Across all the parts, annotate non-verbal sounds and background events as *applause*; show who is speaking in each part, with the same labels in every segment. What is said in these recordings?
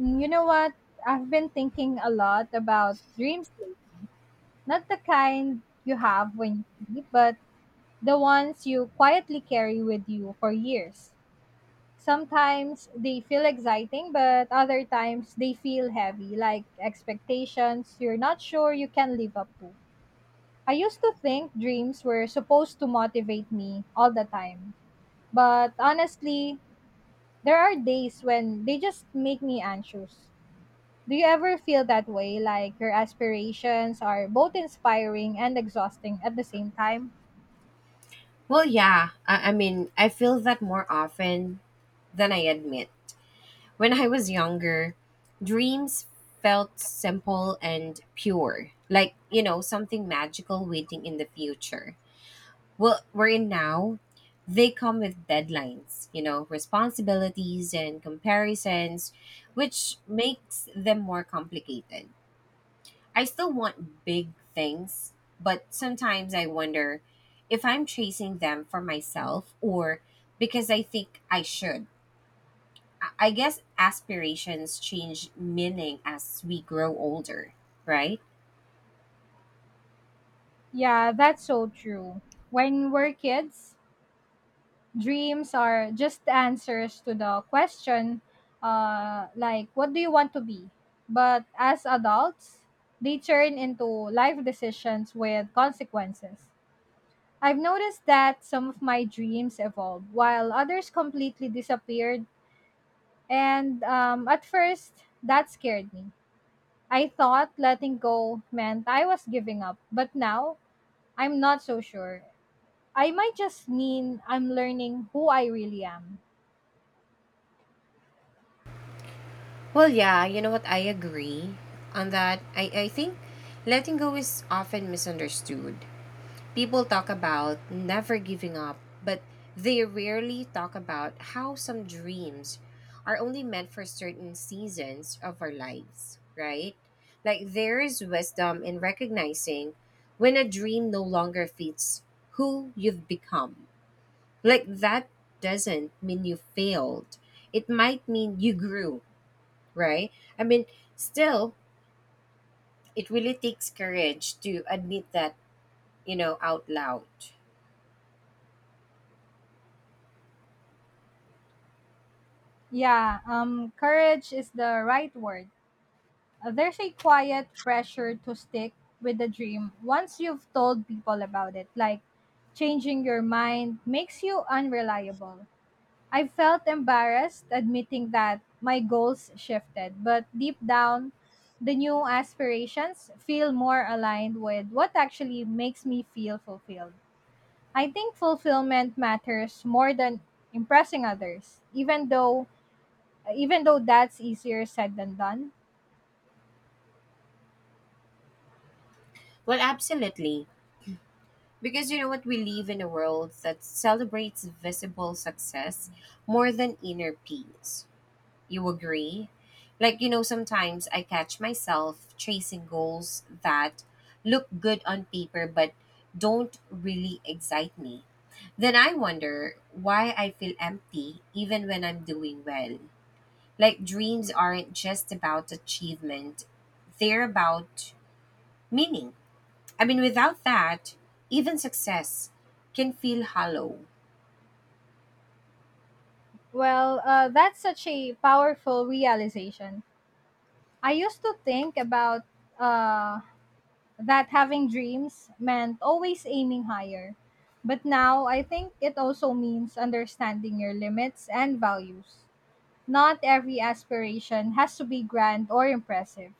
Speaker 1: You know what? I've been thinking a lot about dream sleep. Not the kind you have when you sleep, but the ones you quietly carry with you for years. Sometimes they feel exciting, but other times they feel heavy, like expectations you're not sure you can live up to. I used to think dreams were supposed to motivate me all the time, but honestly, there are days when they just make me anxious. Do you ever feel that way, like your aspirations are both inspiring and exhausting at the same time?
Speaker 2: Well, yeah. I mean, I feel that more often than I admit. When I was younger, dreams felt simple and pure, like, you know, something magical waiting in the future. Well, we're in now, they come with deadlines, you know, responsibilities and comparisons, which makes them more complicated. I still want big things, but sometimes I wonder if I'm chasing them for myself or because I think I should. I guess aspirations change meaning as we grow older, right?
Speaker 1: Yeah, that's so true. When we're kids, dreams are just answers to the question, like, what do you want to be? But as adults, they turn into life decisions with consequences. I've noticed that some of my dreams evolved while others completely disappeared, and at first, that scared me. I thought letting go meant I was giving up, but now I'm not so sure. I might just mean I'm learning who I really am.
Speaker 2: Well, yeah, you know what? I agree on that. I think letting go is often misunderstood. People talk about never giving up, but they rarely talk about how some dreams are only meant for certain seasons of our lives, right? Like there is wisdom in recognizing when a dream no longer fits who you've become. Like that doesn't mean you failed, it might mean you grew, right? I mean, still, it really takes courage to admit that, you know, out loud.
Speaker 1: Yeah, courage is the right word. There's a quiet pressure to stick with the dream once you've told people about it, like changing your mind makes you unreliable. I felt embarrassed admitting that my goals shifted, but deep down, the new aspirations feel more aligned with what actually makes me feel fulfilled. I think fulfillment matters more than impressing others, even though that's easier said than done.
Speaker 2: Well, absolutely. Because you know what? We live in a world that celebrates visible success more than inner peace. You agree? Like, you know, sometimes I catch myself chasing goals that look good on paper but don't really excite me. Then I wonder why I feel empty even when I'm doing well. Like dreams aren't just about achievement, they're about meaning. I mean, without that, even success can feel hollow.
Speaker 1: Well, that's such a powerful realization. I used to think about uh, that having dreams meant always aiming higher. But now I think it also means understanding your limits and values. Not every aspiration has to be grand or impressive.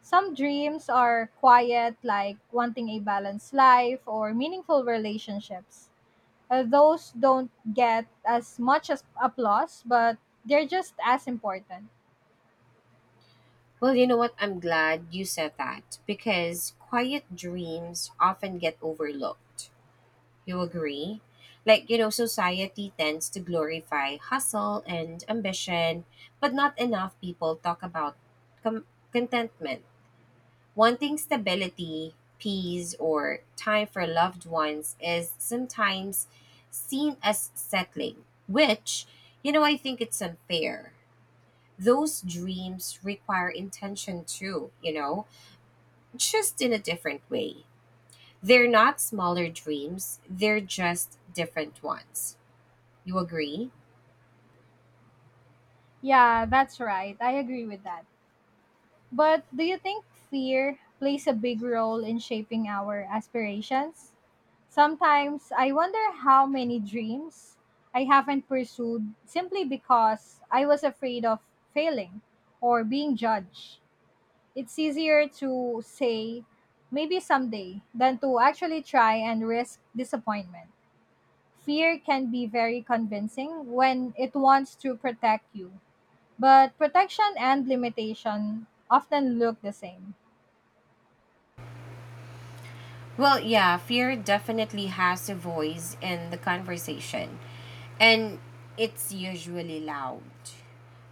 Speaker 1: Some dreams are quiet, like wanting a balanced life or meaningful relationships. Those don't get as much as applause, but they're just as important.
Speaker 2: Well, you know what? I'm glad you said that because quiet dreams often get overlooked. You agree? Like, you know, society tends to glorify hustle and ambition, but not enough people talk about com- contentment. Wanting stability, peace, or time for loved ones is sometimes seen as settling, which, you know, I think it's unfair. Those dreams require intention too, you know, just in a different way. They're not smaller dreams, they're just different ones. You agree?
Speaker 1: Yeah, that's right. I agree with that. But do you think fear plays a big role in shaping our aspirations? Sometimes I wonder how many dreams I haven't pursued simply because I was afraid of failing or being judged. It's easier to say maybe someday than to actually try and risk disappointment. Fear can be very convincing when it wants to protect you, but protection and limitation often look the same.
Speaker 2: Well, yeah, fear definitely has a voice in the conversation, and it's usually loud.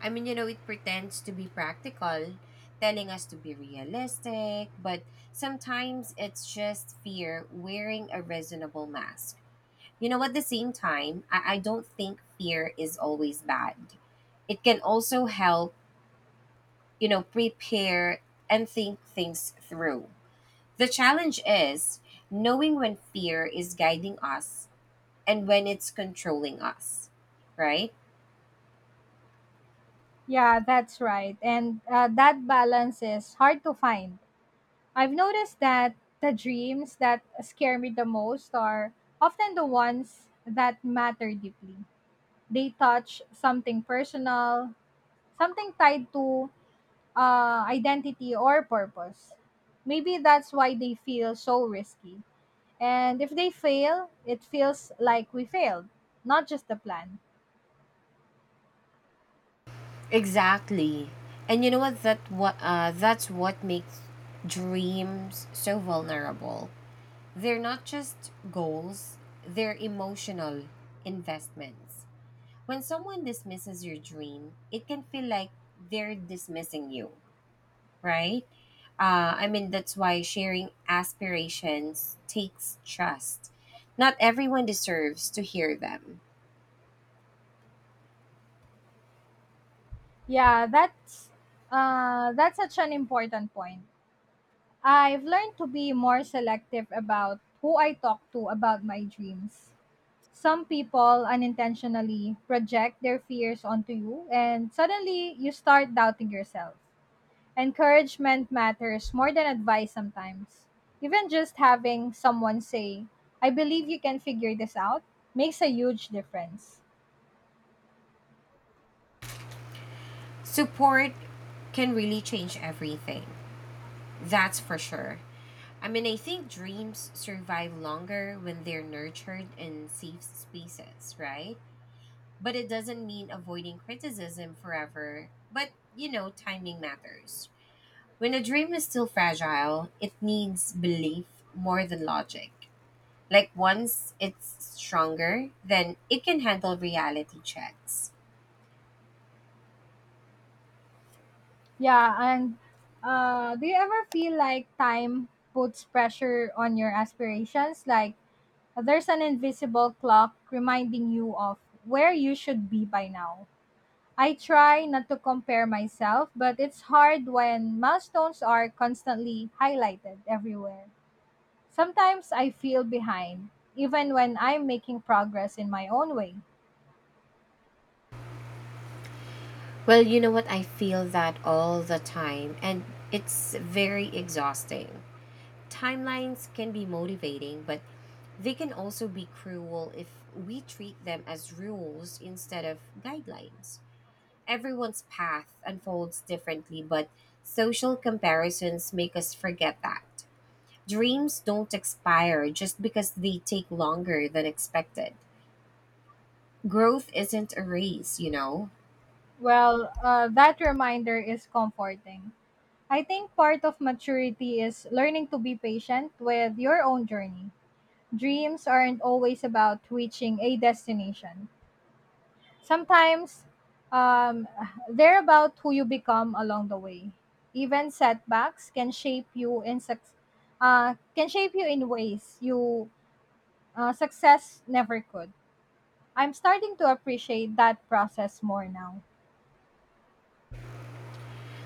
Speaker 2: I mean, you know, it pretends to be practical, telling us to be realistic, but sometimes it's just fear wearing a reasonable mask. You know, at the same time, I don't think fear is always bad. It can also help, you know, prepare and think things through. The challenge is knowing when fear is guiding us and when it's controlling us, right?
Speaker 1: Yeah, that's right. And that balance is hard to find. I've noticed that the dreams that scare me the most are often the ones that matter deeply. They touch something personal, something tied to identity or purpose. Maybe that's why they feel so risky. And if they fail, it feels like we failed, not just the plan.
Speaker 2: Exactly. And you know what? That's what makes dreams so vulnerable. They're not just goals; they're emotional investments. When someone dismisses your dream, it can feel like they're dismissing you, right? I mean, that's why sharing aspirations takes trust. Not everyone deserves to hear them.
Speaker 1: Yeah, that's such an important point. I've learned to be more selective about who I talk to about my dreams. Some people unintentionally project their fears onto you, and suddenly you start doubting yourself. Encouragement matters more than advice sometimes. Even just having someone say, I believe you can figure this out, makes a huge difference.
Speaker 2: Support can really change everything. That's for sure. I mean, I think dreams survive longer when they're nurtured in safe spaces, right? But it doesn't mean avoiding criticism forever. But, you know, timing matters. When a dream is still fragile, it needs belief more than logic. Like once it's stronger, then it can handle reality checks.
Speaker 1: Yeah, and do you ever feel like time puts pressure on your aspirations? Like, there's an invisible clock reminding you of where you should be by now. I try not to compare myself, but it's hard when milestones are constantly highlighted everywhere. Sometimes I feel behind, even when I'm making progress in my own way.
Speaker 2: Well, you know what? I feel that all the time, and it's very exhausting. Timelines can be motivating, but they can also be cruel if we treat them as rules instead of guidelines. Everyone's path unfolds differently, but social comparisons make us forget that. Dreams don't expire just because they take longer than expected. Growth isn't a race, you know?
Speaker 1: Well, that reminder is comforting. I think part of maturity is learning to be patient with your own journey. Dreams aren't always about reaching a destination. Sometimes um, they're about who you become along the way. Even setbacks can shape you in can shape you in ways you success never could. I'm starting to appreciate that process more now.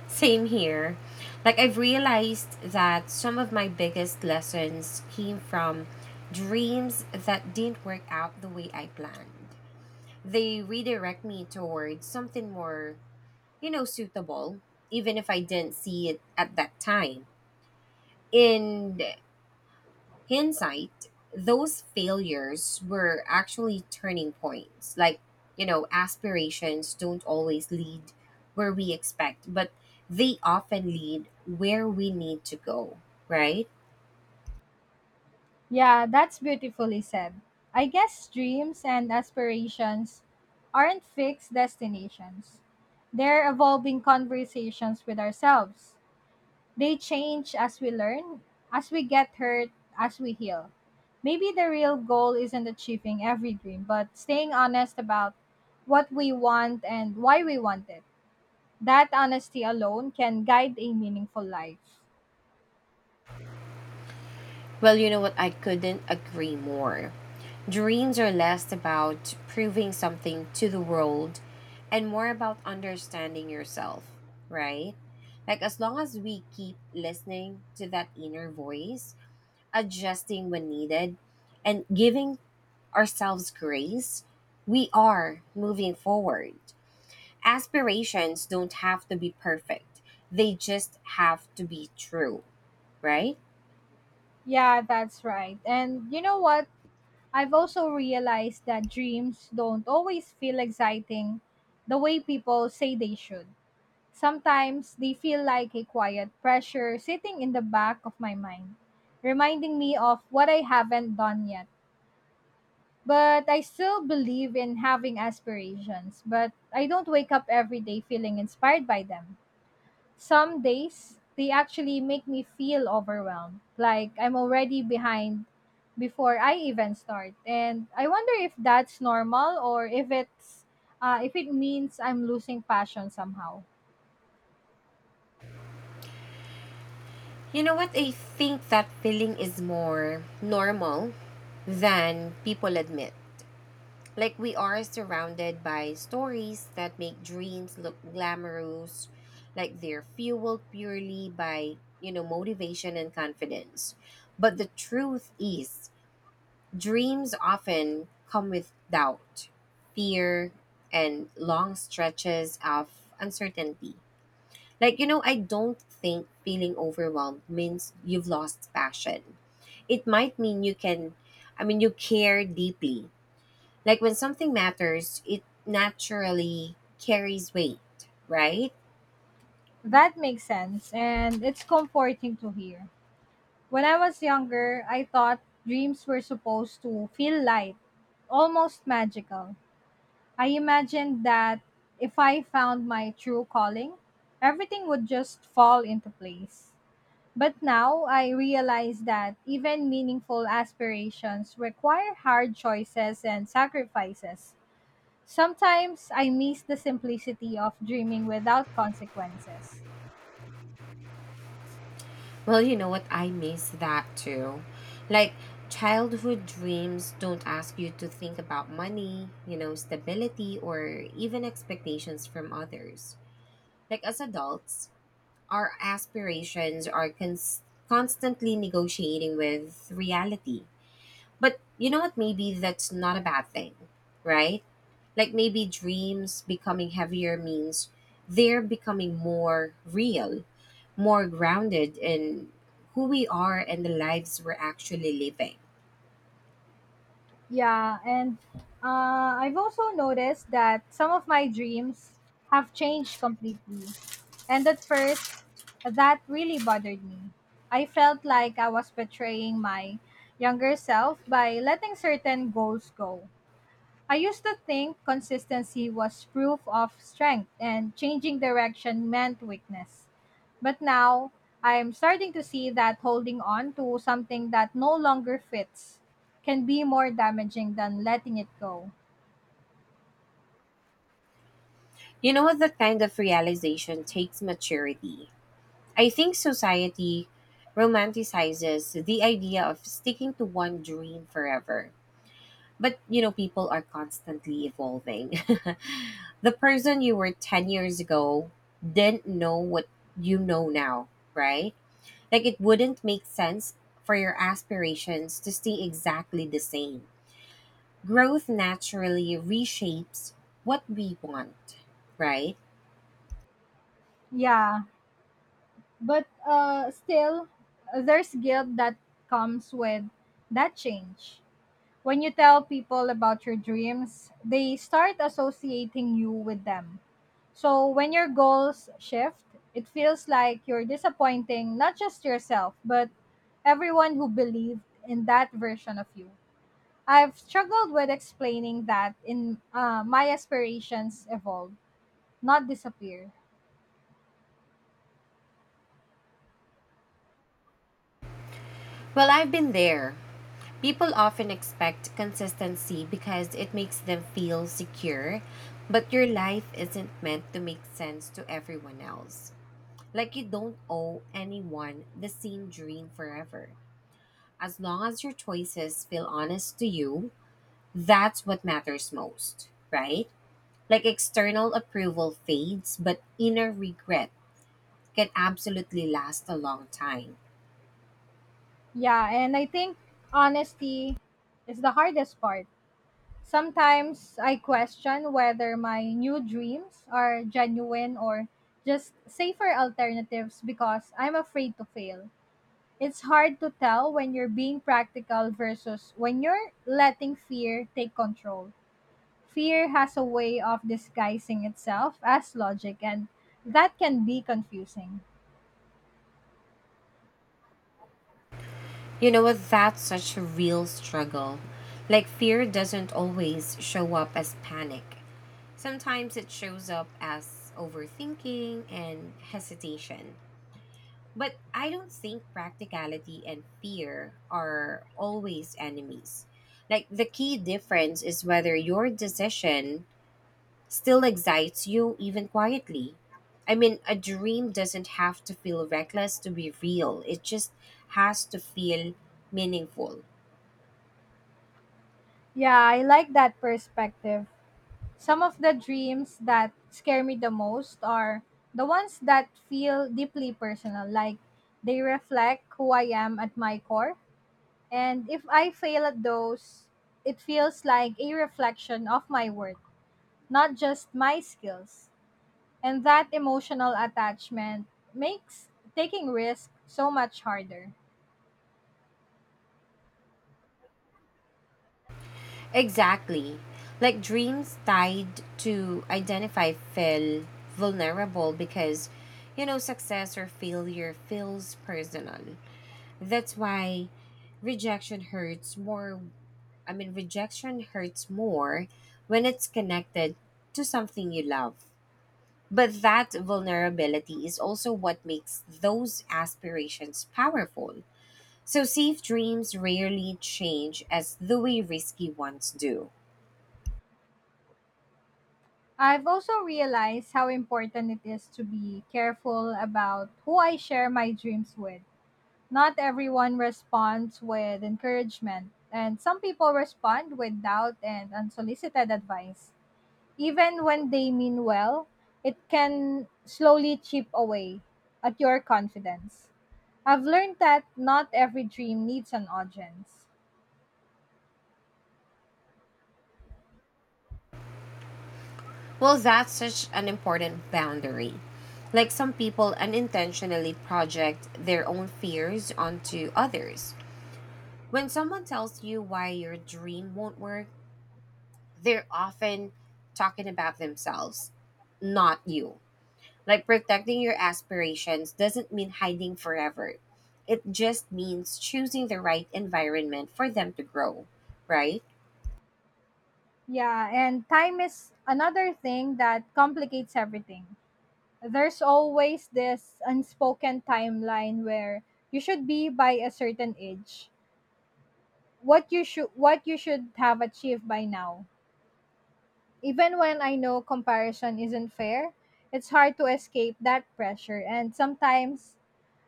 Speaker 2: Same here. Like, I've realized that some of my biggest lessons came from dreams that didn't work out the way I planned. They redirect me towards something more, you know, suitable, even if I didn't see it at that time. And hindsight, those failures were actually turning points. Like, you know, aspirations don't always lead where we expect, but they often lead where we need to go, right?
Speaker 1: Yeah, that's beautifully said. I guess dreams and aspirations aren't fixed destinations. They're evolving conversations with ourselves. They change as we learn, as we get hurt, as we heal. Maybe the real goal isn't achieving every dream, but staying honest about what we want and why we want it. That honesty alone can guide a meaningful life.
Speaker 2: Well, you know what? I couldn't agree more. Dreams are less about proving something to the world and more about understanding yourself, right? Like, as long as we keep listening to that inner voice, adjusting when needed, and giving ourselves grace, we are moving forward. Aspirations don't have to be perfect, they just have to be true, right?
Speaker 1: Yeah, that's right. And you know what? I've also realized that dreams don't always feel exciting the way people say they should. Sometimes they feel like a quiet pressure sitting in the back of my mind, reminding me of what I haven't done yet. But I still believe in having aspirations, but I don't wake up every day feeling inspired by them. Some days, they actually make me feel overwhelmed, like I'm already behind before I even start. And I wonder if that's normal or if it means I'm losing passion somehow.
Speaker 2: You know what? I think that feeling is more normal than people admit. Like we are surrounded by stories that make dreams look glamorous, like they're fueled purely by, you know, motivation and confidence. But the truth is, dreams often come with doubt, fear, and long stretches of uncertainty. Like, you know, I don't think feeling overwhelmed means you've lost passion. It might mean you can, I mean, you care deeply, like when something matters, it naturally carries weight, right?
Speaker 1: That makes sense, and it's comforting to hear. When I was younger, I thought dreams were supposed to feel light, almost magical. I imagined that if I found my true calling, everything would just fall into place. But now I realize that even meaningful aspirations require hard choices and sacrifices. Sometimes I miss the simplicity of dreaming without consequences.
Speaker 2: Well, you know what? I miss that too. Like childhood dreams don't ask you to think about money, you know, stability, or even expectations from others. Like as adults, our aspirations are constantly negotiating with reality. But you know what? Maybe that's not a bad thing, right? Like maybe dreams becoming heavier means they're becoming more real, more grounded in who we are and the lives we're actually living.
Speaker 1: Yeah, and I've also noticed that some of my dreams have changed completely. And at first, that really bothered me. I felt like I was betraying my younger self by letting certain goals go. I used to think consistency was proof of strength and changing direction meant weakness. But now, I'm starting to see that holding on to something that no longer fits can be more damaging than letting it go.
Speaker 2: You know what? That kind of realization takes maturity. I think society romanticizes the idea of sticking to one dream forever. But, you know, people are constantly evolving. *laughs* The person you were 10 years ago didn't know what you know now, right? Like it wouldn't make sense for your aspirations to stay exactly the same. Growth naturally reshapes what we want, right?
Speaker 1: Yeah, but still, there's guilt that comes with that change. When you tell people about your dreams, they start associating you with them. So when your goals shift, it feels like you're disappointing not just yourself, but everyone who believed in that version of you. I've struggled with explaining that in my aspirations evolve, not disappear.
Speaker 2: Well, I've been there. People often expect consistency because it makes them feel secure, but your life isn't meant to make sense to everyone else. Like you don't owe anyone the same dream forever. As long as your choices feel honest to you, that's what matters most, right? Like external approval fades, but inner regret can absolutely last a long time.
Speaker 1: Yeah, and I think honesty is the hardest part. Sometimes I question whether my new dreams are genuine or just safer alternatives because I'm afraid to fail. It's hard to tell when you're being practical versus when you're letting fear take control. Fear has a way of disguising itself as logic, and that can be confusing.
Speaker 2: You know what? That's such a real struggle. Like fear doesn't always show up as panic. Sometimes it shows up as overthinking and hesitation. But I don't think practicality and fear are always enemies. Like the key difference is whether your decision still excites you even quietly. I mean, a dream doesn't have to feel reckless to be real. It just has to feel meaningful.
Speaker 1: Yeah, I like that perspective. Some of the dreams that scare me the most are the ones that feel deeply personal, like they reflect who I am at my core. And if I fail at those, it feels like a reflection of my worth, not just my skills. And that emotional attachment makes taking risks so much harder.
Speaker 2: Exactly. Like dreams tied to identify feel vulnerable because you know success or failure feels personal. That's why rejection hurts more. I mean, rejection hurts more when it's connected to something you love. But that vulnerability is also what makes those aspirations powerful. So, safe dreams rarely change as the way risky ones do.
Speaker 1: I've also realized how important it is to be careful about who I share my dreams with. Not everyone responds with encouragement, and some people respond with doubt and unsolicited advice. Even when they mean well, it can slowly chip away at your confidence. I've learned that not every dream needs an audience.
Speaker 2: Well, that's such an important boundary. Like some people unintentionally project their own fears onto others. When someone tells you why your dream won't work, they're often talking about themselves, not you. Like protecting your aspirations doesn't mean hiding forever. It just means choosing the right environment for them to grow, right?
Speaker 1: Yeah, and time is another thing that complicates everything. There's always this unspoken timeline where you should be by a certain age, what you should have achieved by now. Even when I know comparison isn't fair, it's hard to escape that pressure. And sometimes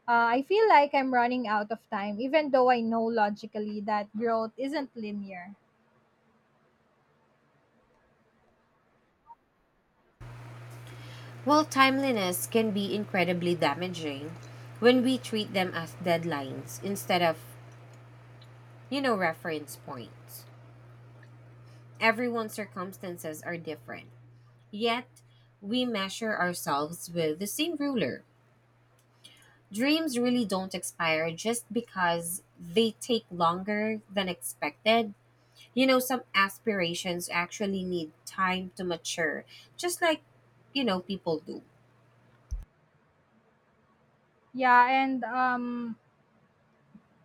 Speaker 1: I feel like I'm running out of time, even though I know logically that growth isn't linear.
Speaker 2: Well, timeliness can be incredibly damaging when we treat them as deadlines instead of, you know, reference points. Everyone's circumstances are different. Yet, we measure ourselves with the same ruler. Dreams really don't expire just because they take longer than expected. You know, some aspirations actually need time to mature, just like, you know, people do.
Speaker 1: Yeah, and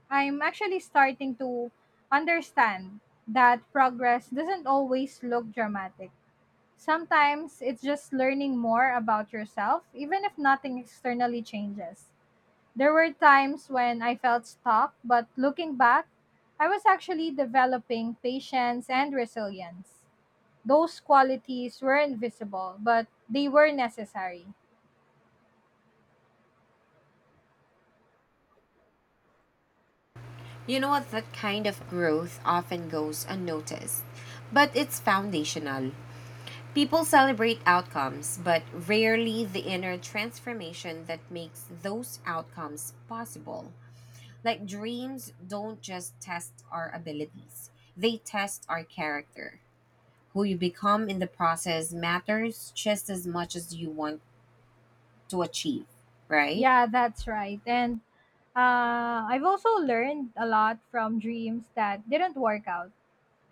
Speaker 1: I'm actually starting to understand that progress doesn't always look dramatic. Sometimes it's just learning more about yourself, even if nothing externally changes. There were times when I felt stuck, but looking back, I was actually developing patience and resilience. Those qualities were invisible, but they were necessary.
Speaker 2: You know what? That kind of growth often goes unnoticed, but it's foundational. People celebrate outcomes, but rarely the inner transformation that makes those outcomes possible. Like dreams don't just test our abilities, they test our character. Who you become in the process matters just as much as you want to achieve, right?
Speaker 1: Yeah, that's right. And I've also learned a lot from dreams that didn't work out.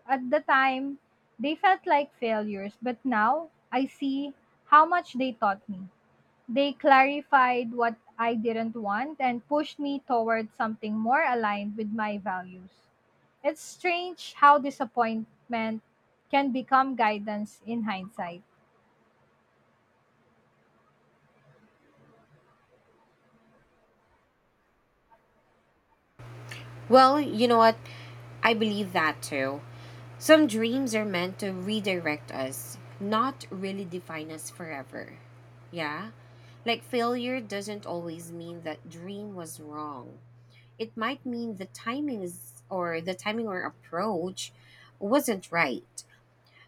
Speaker 1: At the time, they felt like failures, but now I see how much they taught me. They clarified what I didn't want and pushed me toward something more aligned with my values. It's strange how disappointment can become guidance in hindsight.
Speaker 2: Well, you know what? I believe that too. Some dreams are meant to redirect us, not really define us forever. Yeah? Like failure doesn't always mean that dream was wrong. It might mean the timings or the timing or approach wasn't right.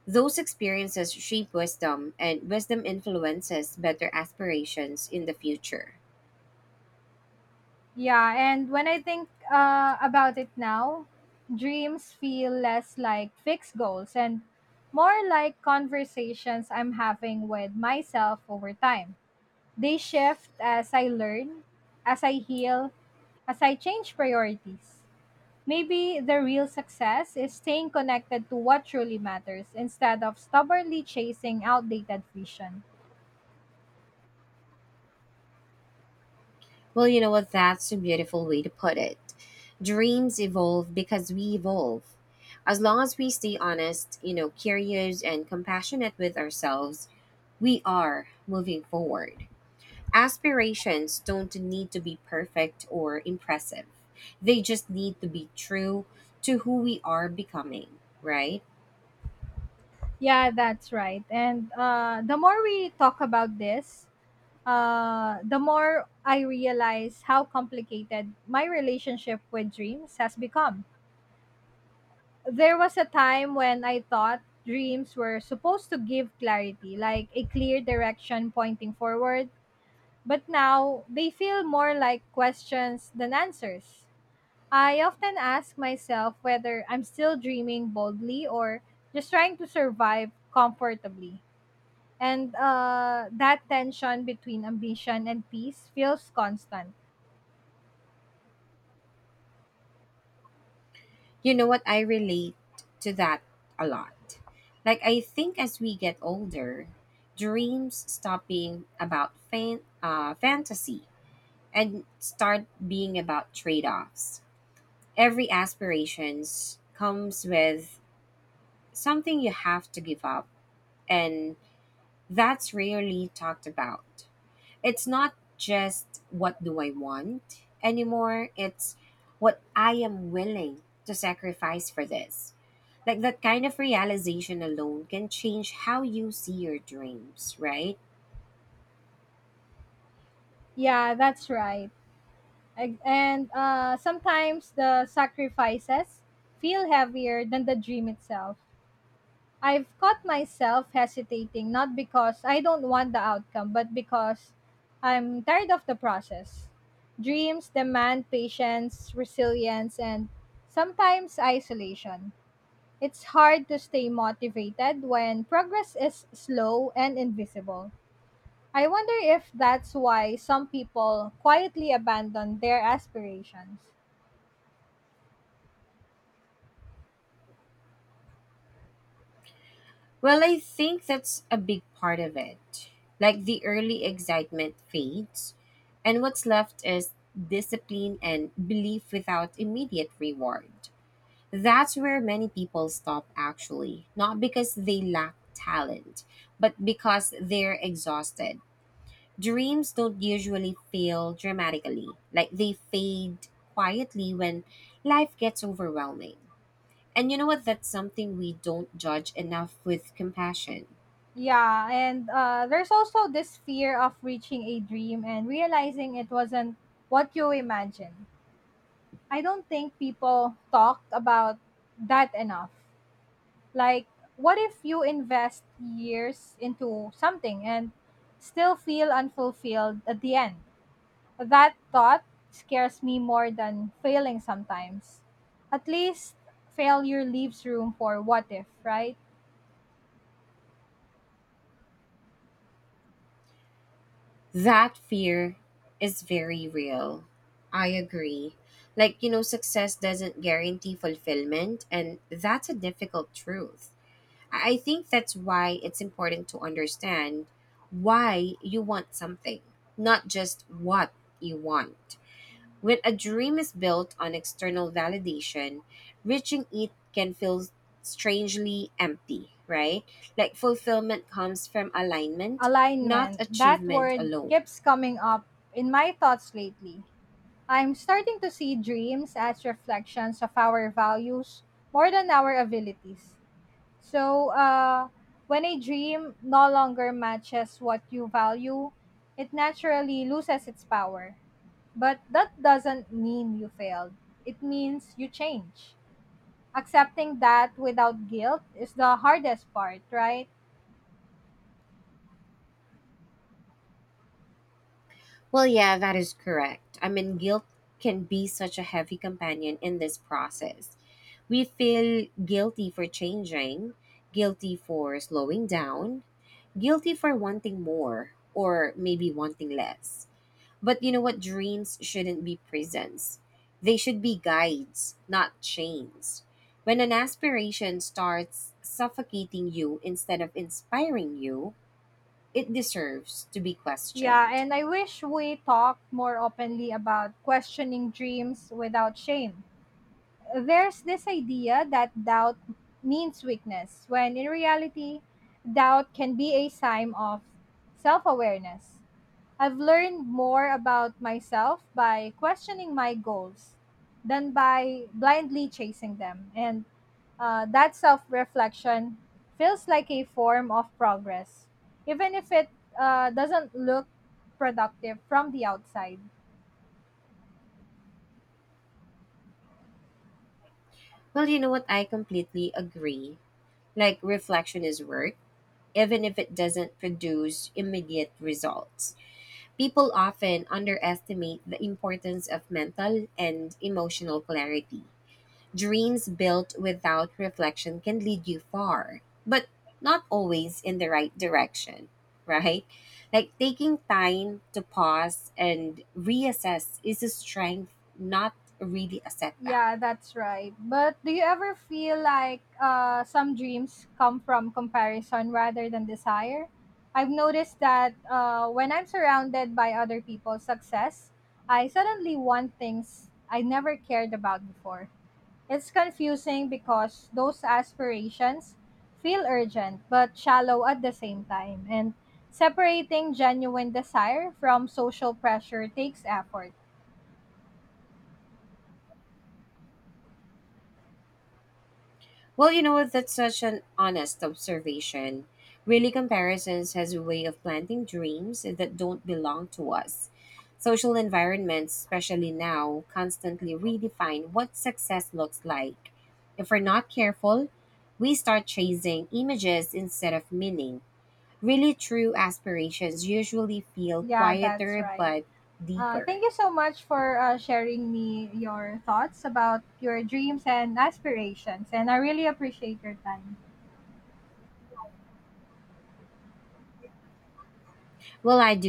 Speaker 2: Those experiences shape wisdom, and wisdom influences better aspirations in the future.
Speaker 1: Yeah, and when I think about it now, dreams feel less like fixed goals and more like conversations I'm having with myself over time. They shift as I learn, as I heal, as I change priorities. Maybe the real success is staying connected to what truly matters instead of stubbornly chasing outdated vision.
Speaker 2: Well, you know what? That's a beautiful way to put it. Dreams evolve because we evolve. As long as we stay honest, you know, curious and compassionate with ourselves, we are moving forward. Aspirations don't need to be perfect or impressive. They just need to be true to who we are becoming, right?
Speaker 1: Yeah, that's right. And the more we talk about this, the more I realize how complicated my relationship with dreams has become. There was a time when I thought dreams were supposed to give clarity, like a clear direction pointing forward, but now they feel more like questions than answers. I often ask myself whether I'm still dreaming boldly or just trying to survive comfortably. And that tension between ambition and peace feels constant.
Speaker 2: You know what? I relate to that a lot. Like, I think as we get older, dreams stop being about fantasy and start being about trade offs. Every aspirations comes with something you have to give up, and that's rarely talked about. It's not just what do I want anymore, it's what I am willing to sacrifice for this. Like that kind of realization alone can change how you see your dreams, right?
Speaker 1: Yeah, that's right. And sometimes the sacrifices feel heavier than the dream itself. I've caught myself hesitating not because I don't want the outcome, but because I'm tired of the process. Dreams demand patience, resilience, and sometimes isolation. It's hard to stay motivated when progress is slow and invisible. I wonder if that's why some people quietly abandon their aspirations.
Speaker 2: Well, I think that's a big part of it. Like the early excitement fades, and what's left is discipline and belief without immediate reward. That's where many people stop, actually, not because they lack talent, but because they're exhausted. Dreams don't usually fail dramatically, like they fade quietly when life gets overwhelming. And you know what? That's something we don't judge enough with compassion.
Speaker 1: Yeah, and there's also this fear of reaching a dream and realizing it wasn't what you imagined. I don't think people talk about that enough. Like, what if you invest years into something and still feel unfulfilled at the end? That thought scares me more than failing sometimes. At least failure leaves room for what if, right?
Speaker 2: That fear is very real. I agree. Like, you know, success doesn't guarantee fulfillment, and that's a difficult truth. I think that's why it's important to understand why you want something, not just what you want. When a dream is built on external validation, reaching it can feel strangely empty, right? Like fulfillment comes from alignment, not
Speaker 1: Alignment. That
Speaker 2: achievement
Speaker 1: word
Speaker 2: alone.
Speaker 1: keeps coming up in my thoughts lately. I'm starting to see dreams as reflections of our values more than our abilities. So, when a dream no longer matches what you value, it naturally loses its power. But that doesn't mean you failed, it means you change. Accepting that without guilt is the hardest part, right?
Speaker 2: Well, yeah, that is correct. I mean, guilt can be such a heavy companion in this process. We feel guilty for changing, guilty for slowing down, guilty for wanting more or maybe wanting less. But you know what? Dreams shouldn't be prisons. They should be guides, not chains. When an aspiration starts suffocating you instead of inspiring you, it deserves to be
Speaker 1: Yeah,
Speaker 2: questioned.
Speaker 1: and I wish we talked more openly about questioning dreams without shame. There's this idea that doubt means weakness, when in reality, doubt can be a sign of self awareness. I've learned more about myself by questioning my goals than by blindly chasing them. And that self reflection feels like a form of progress, even if it doesn't look productive from the outside.
Speaker 2: Well, you know what? I completely agree. Like, reflection is work, even if it doesn't produce immediate results. People often underestimate the importance of mental and emotional clarity. Dreams built without reflection can lead you far, but not always in the right direction, right? Like taking time to pause and reassess is a strength, not really a setback.
Speaker 1: Yeah, that's right. But do you ever feel like some dreams come from comparison rather than desire? I've noticed that when I'm surrounded by other people's success, I suddenly want things I never cared about before. It's confusing because those aspirations feel urgent but shallow at the same time, and separating genuine desire from social pressure takes effort.
Speaker 2: Well, you know, that's such an honest observation. Really, comparisons has a way of planting dreams that don't belong to us. Social environments, especially now, constantly redefine what success looks like. If we're not careful, we start chasing images instead of meaning. Really, true aspirations usually feel
Speaker 1: Yeah, that's
Speaker 2: quieter
Speaker 1: right.
Speaker 2: but
Speaker 1: Thank
Speaker 2: deeper.
Speaker 1: you so much for sharing me your thoughts about your dreams and aspirations, and I really appreciate your time.
Speaker 2: Well, I do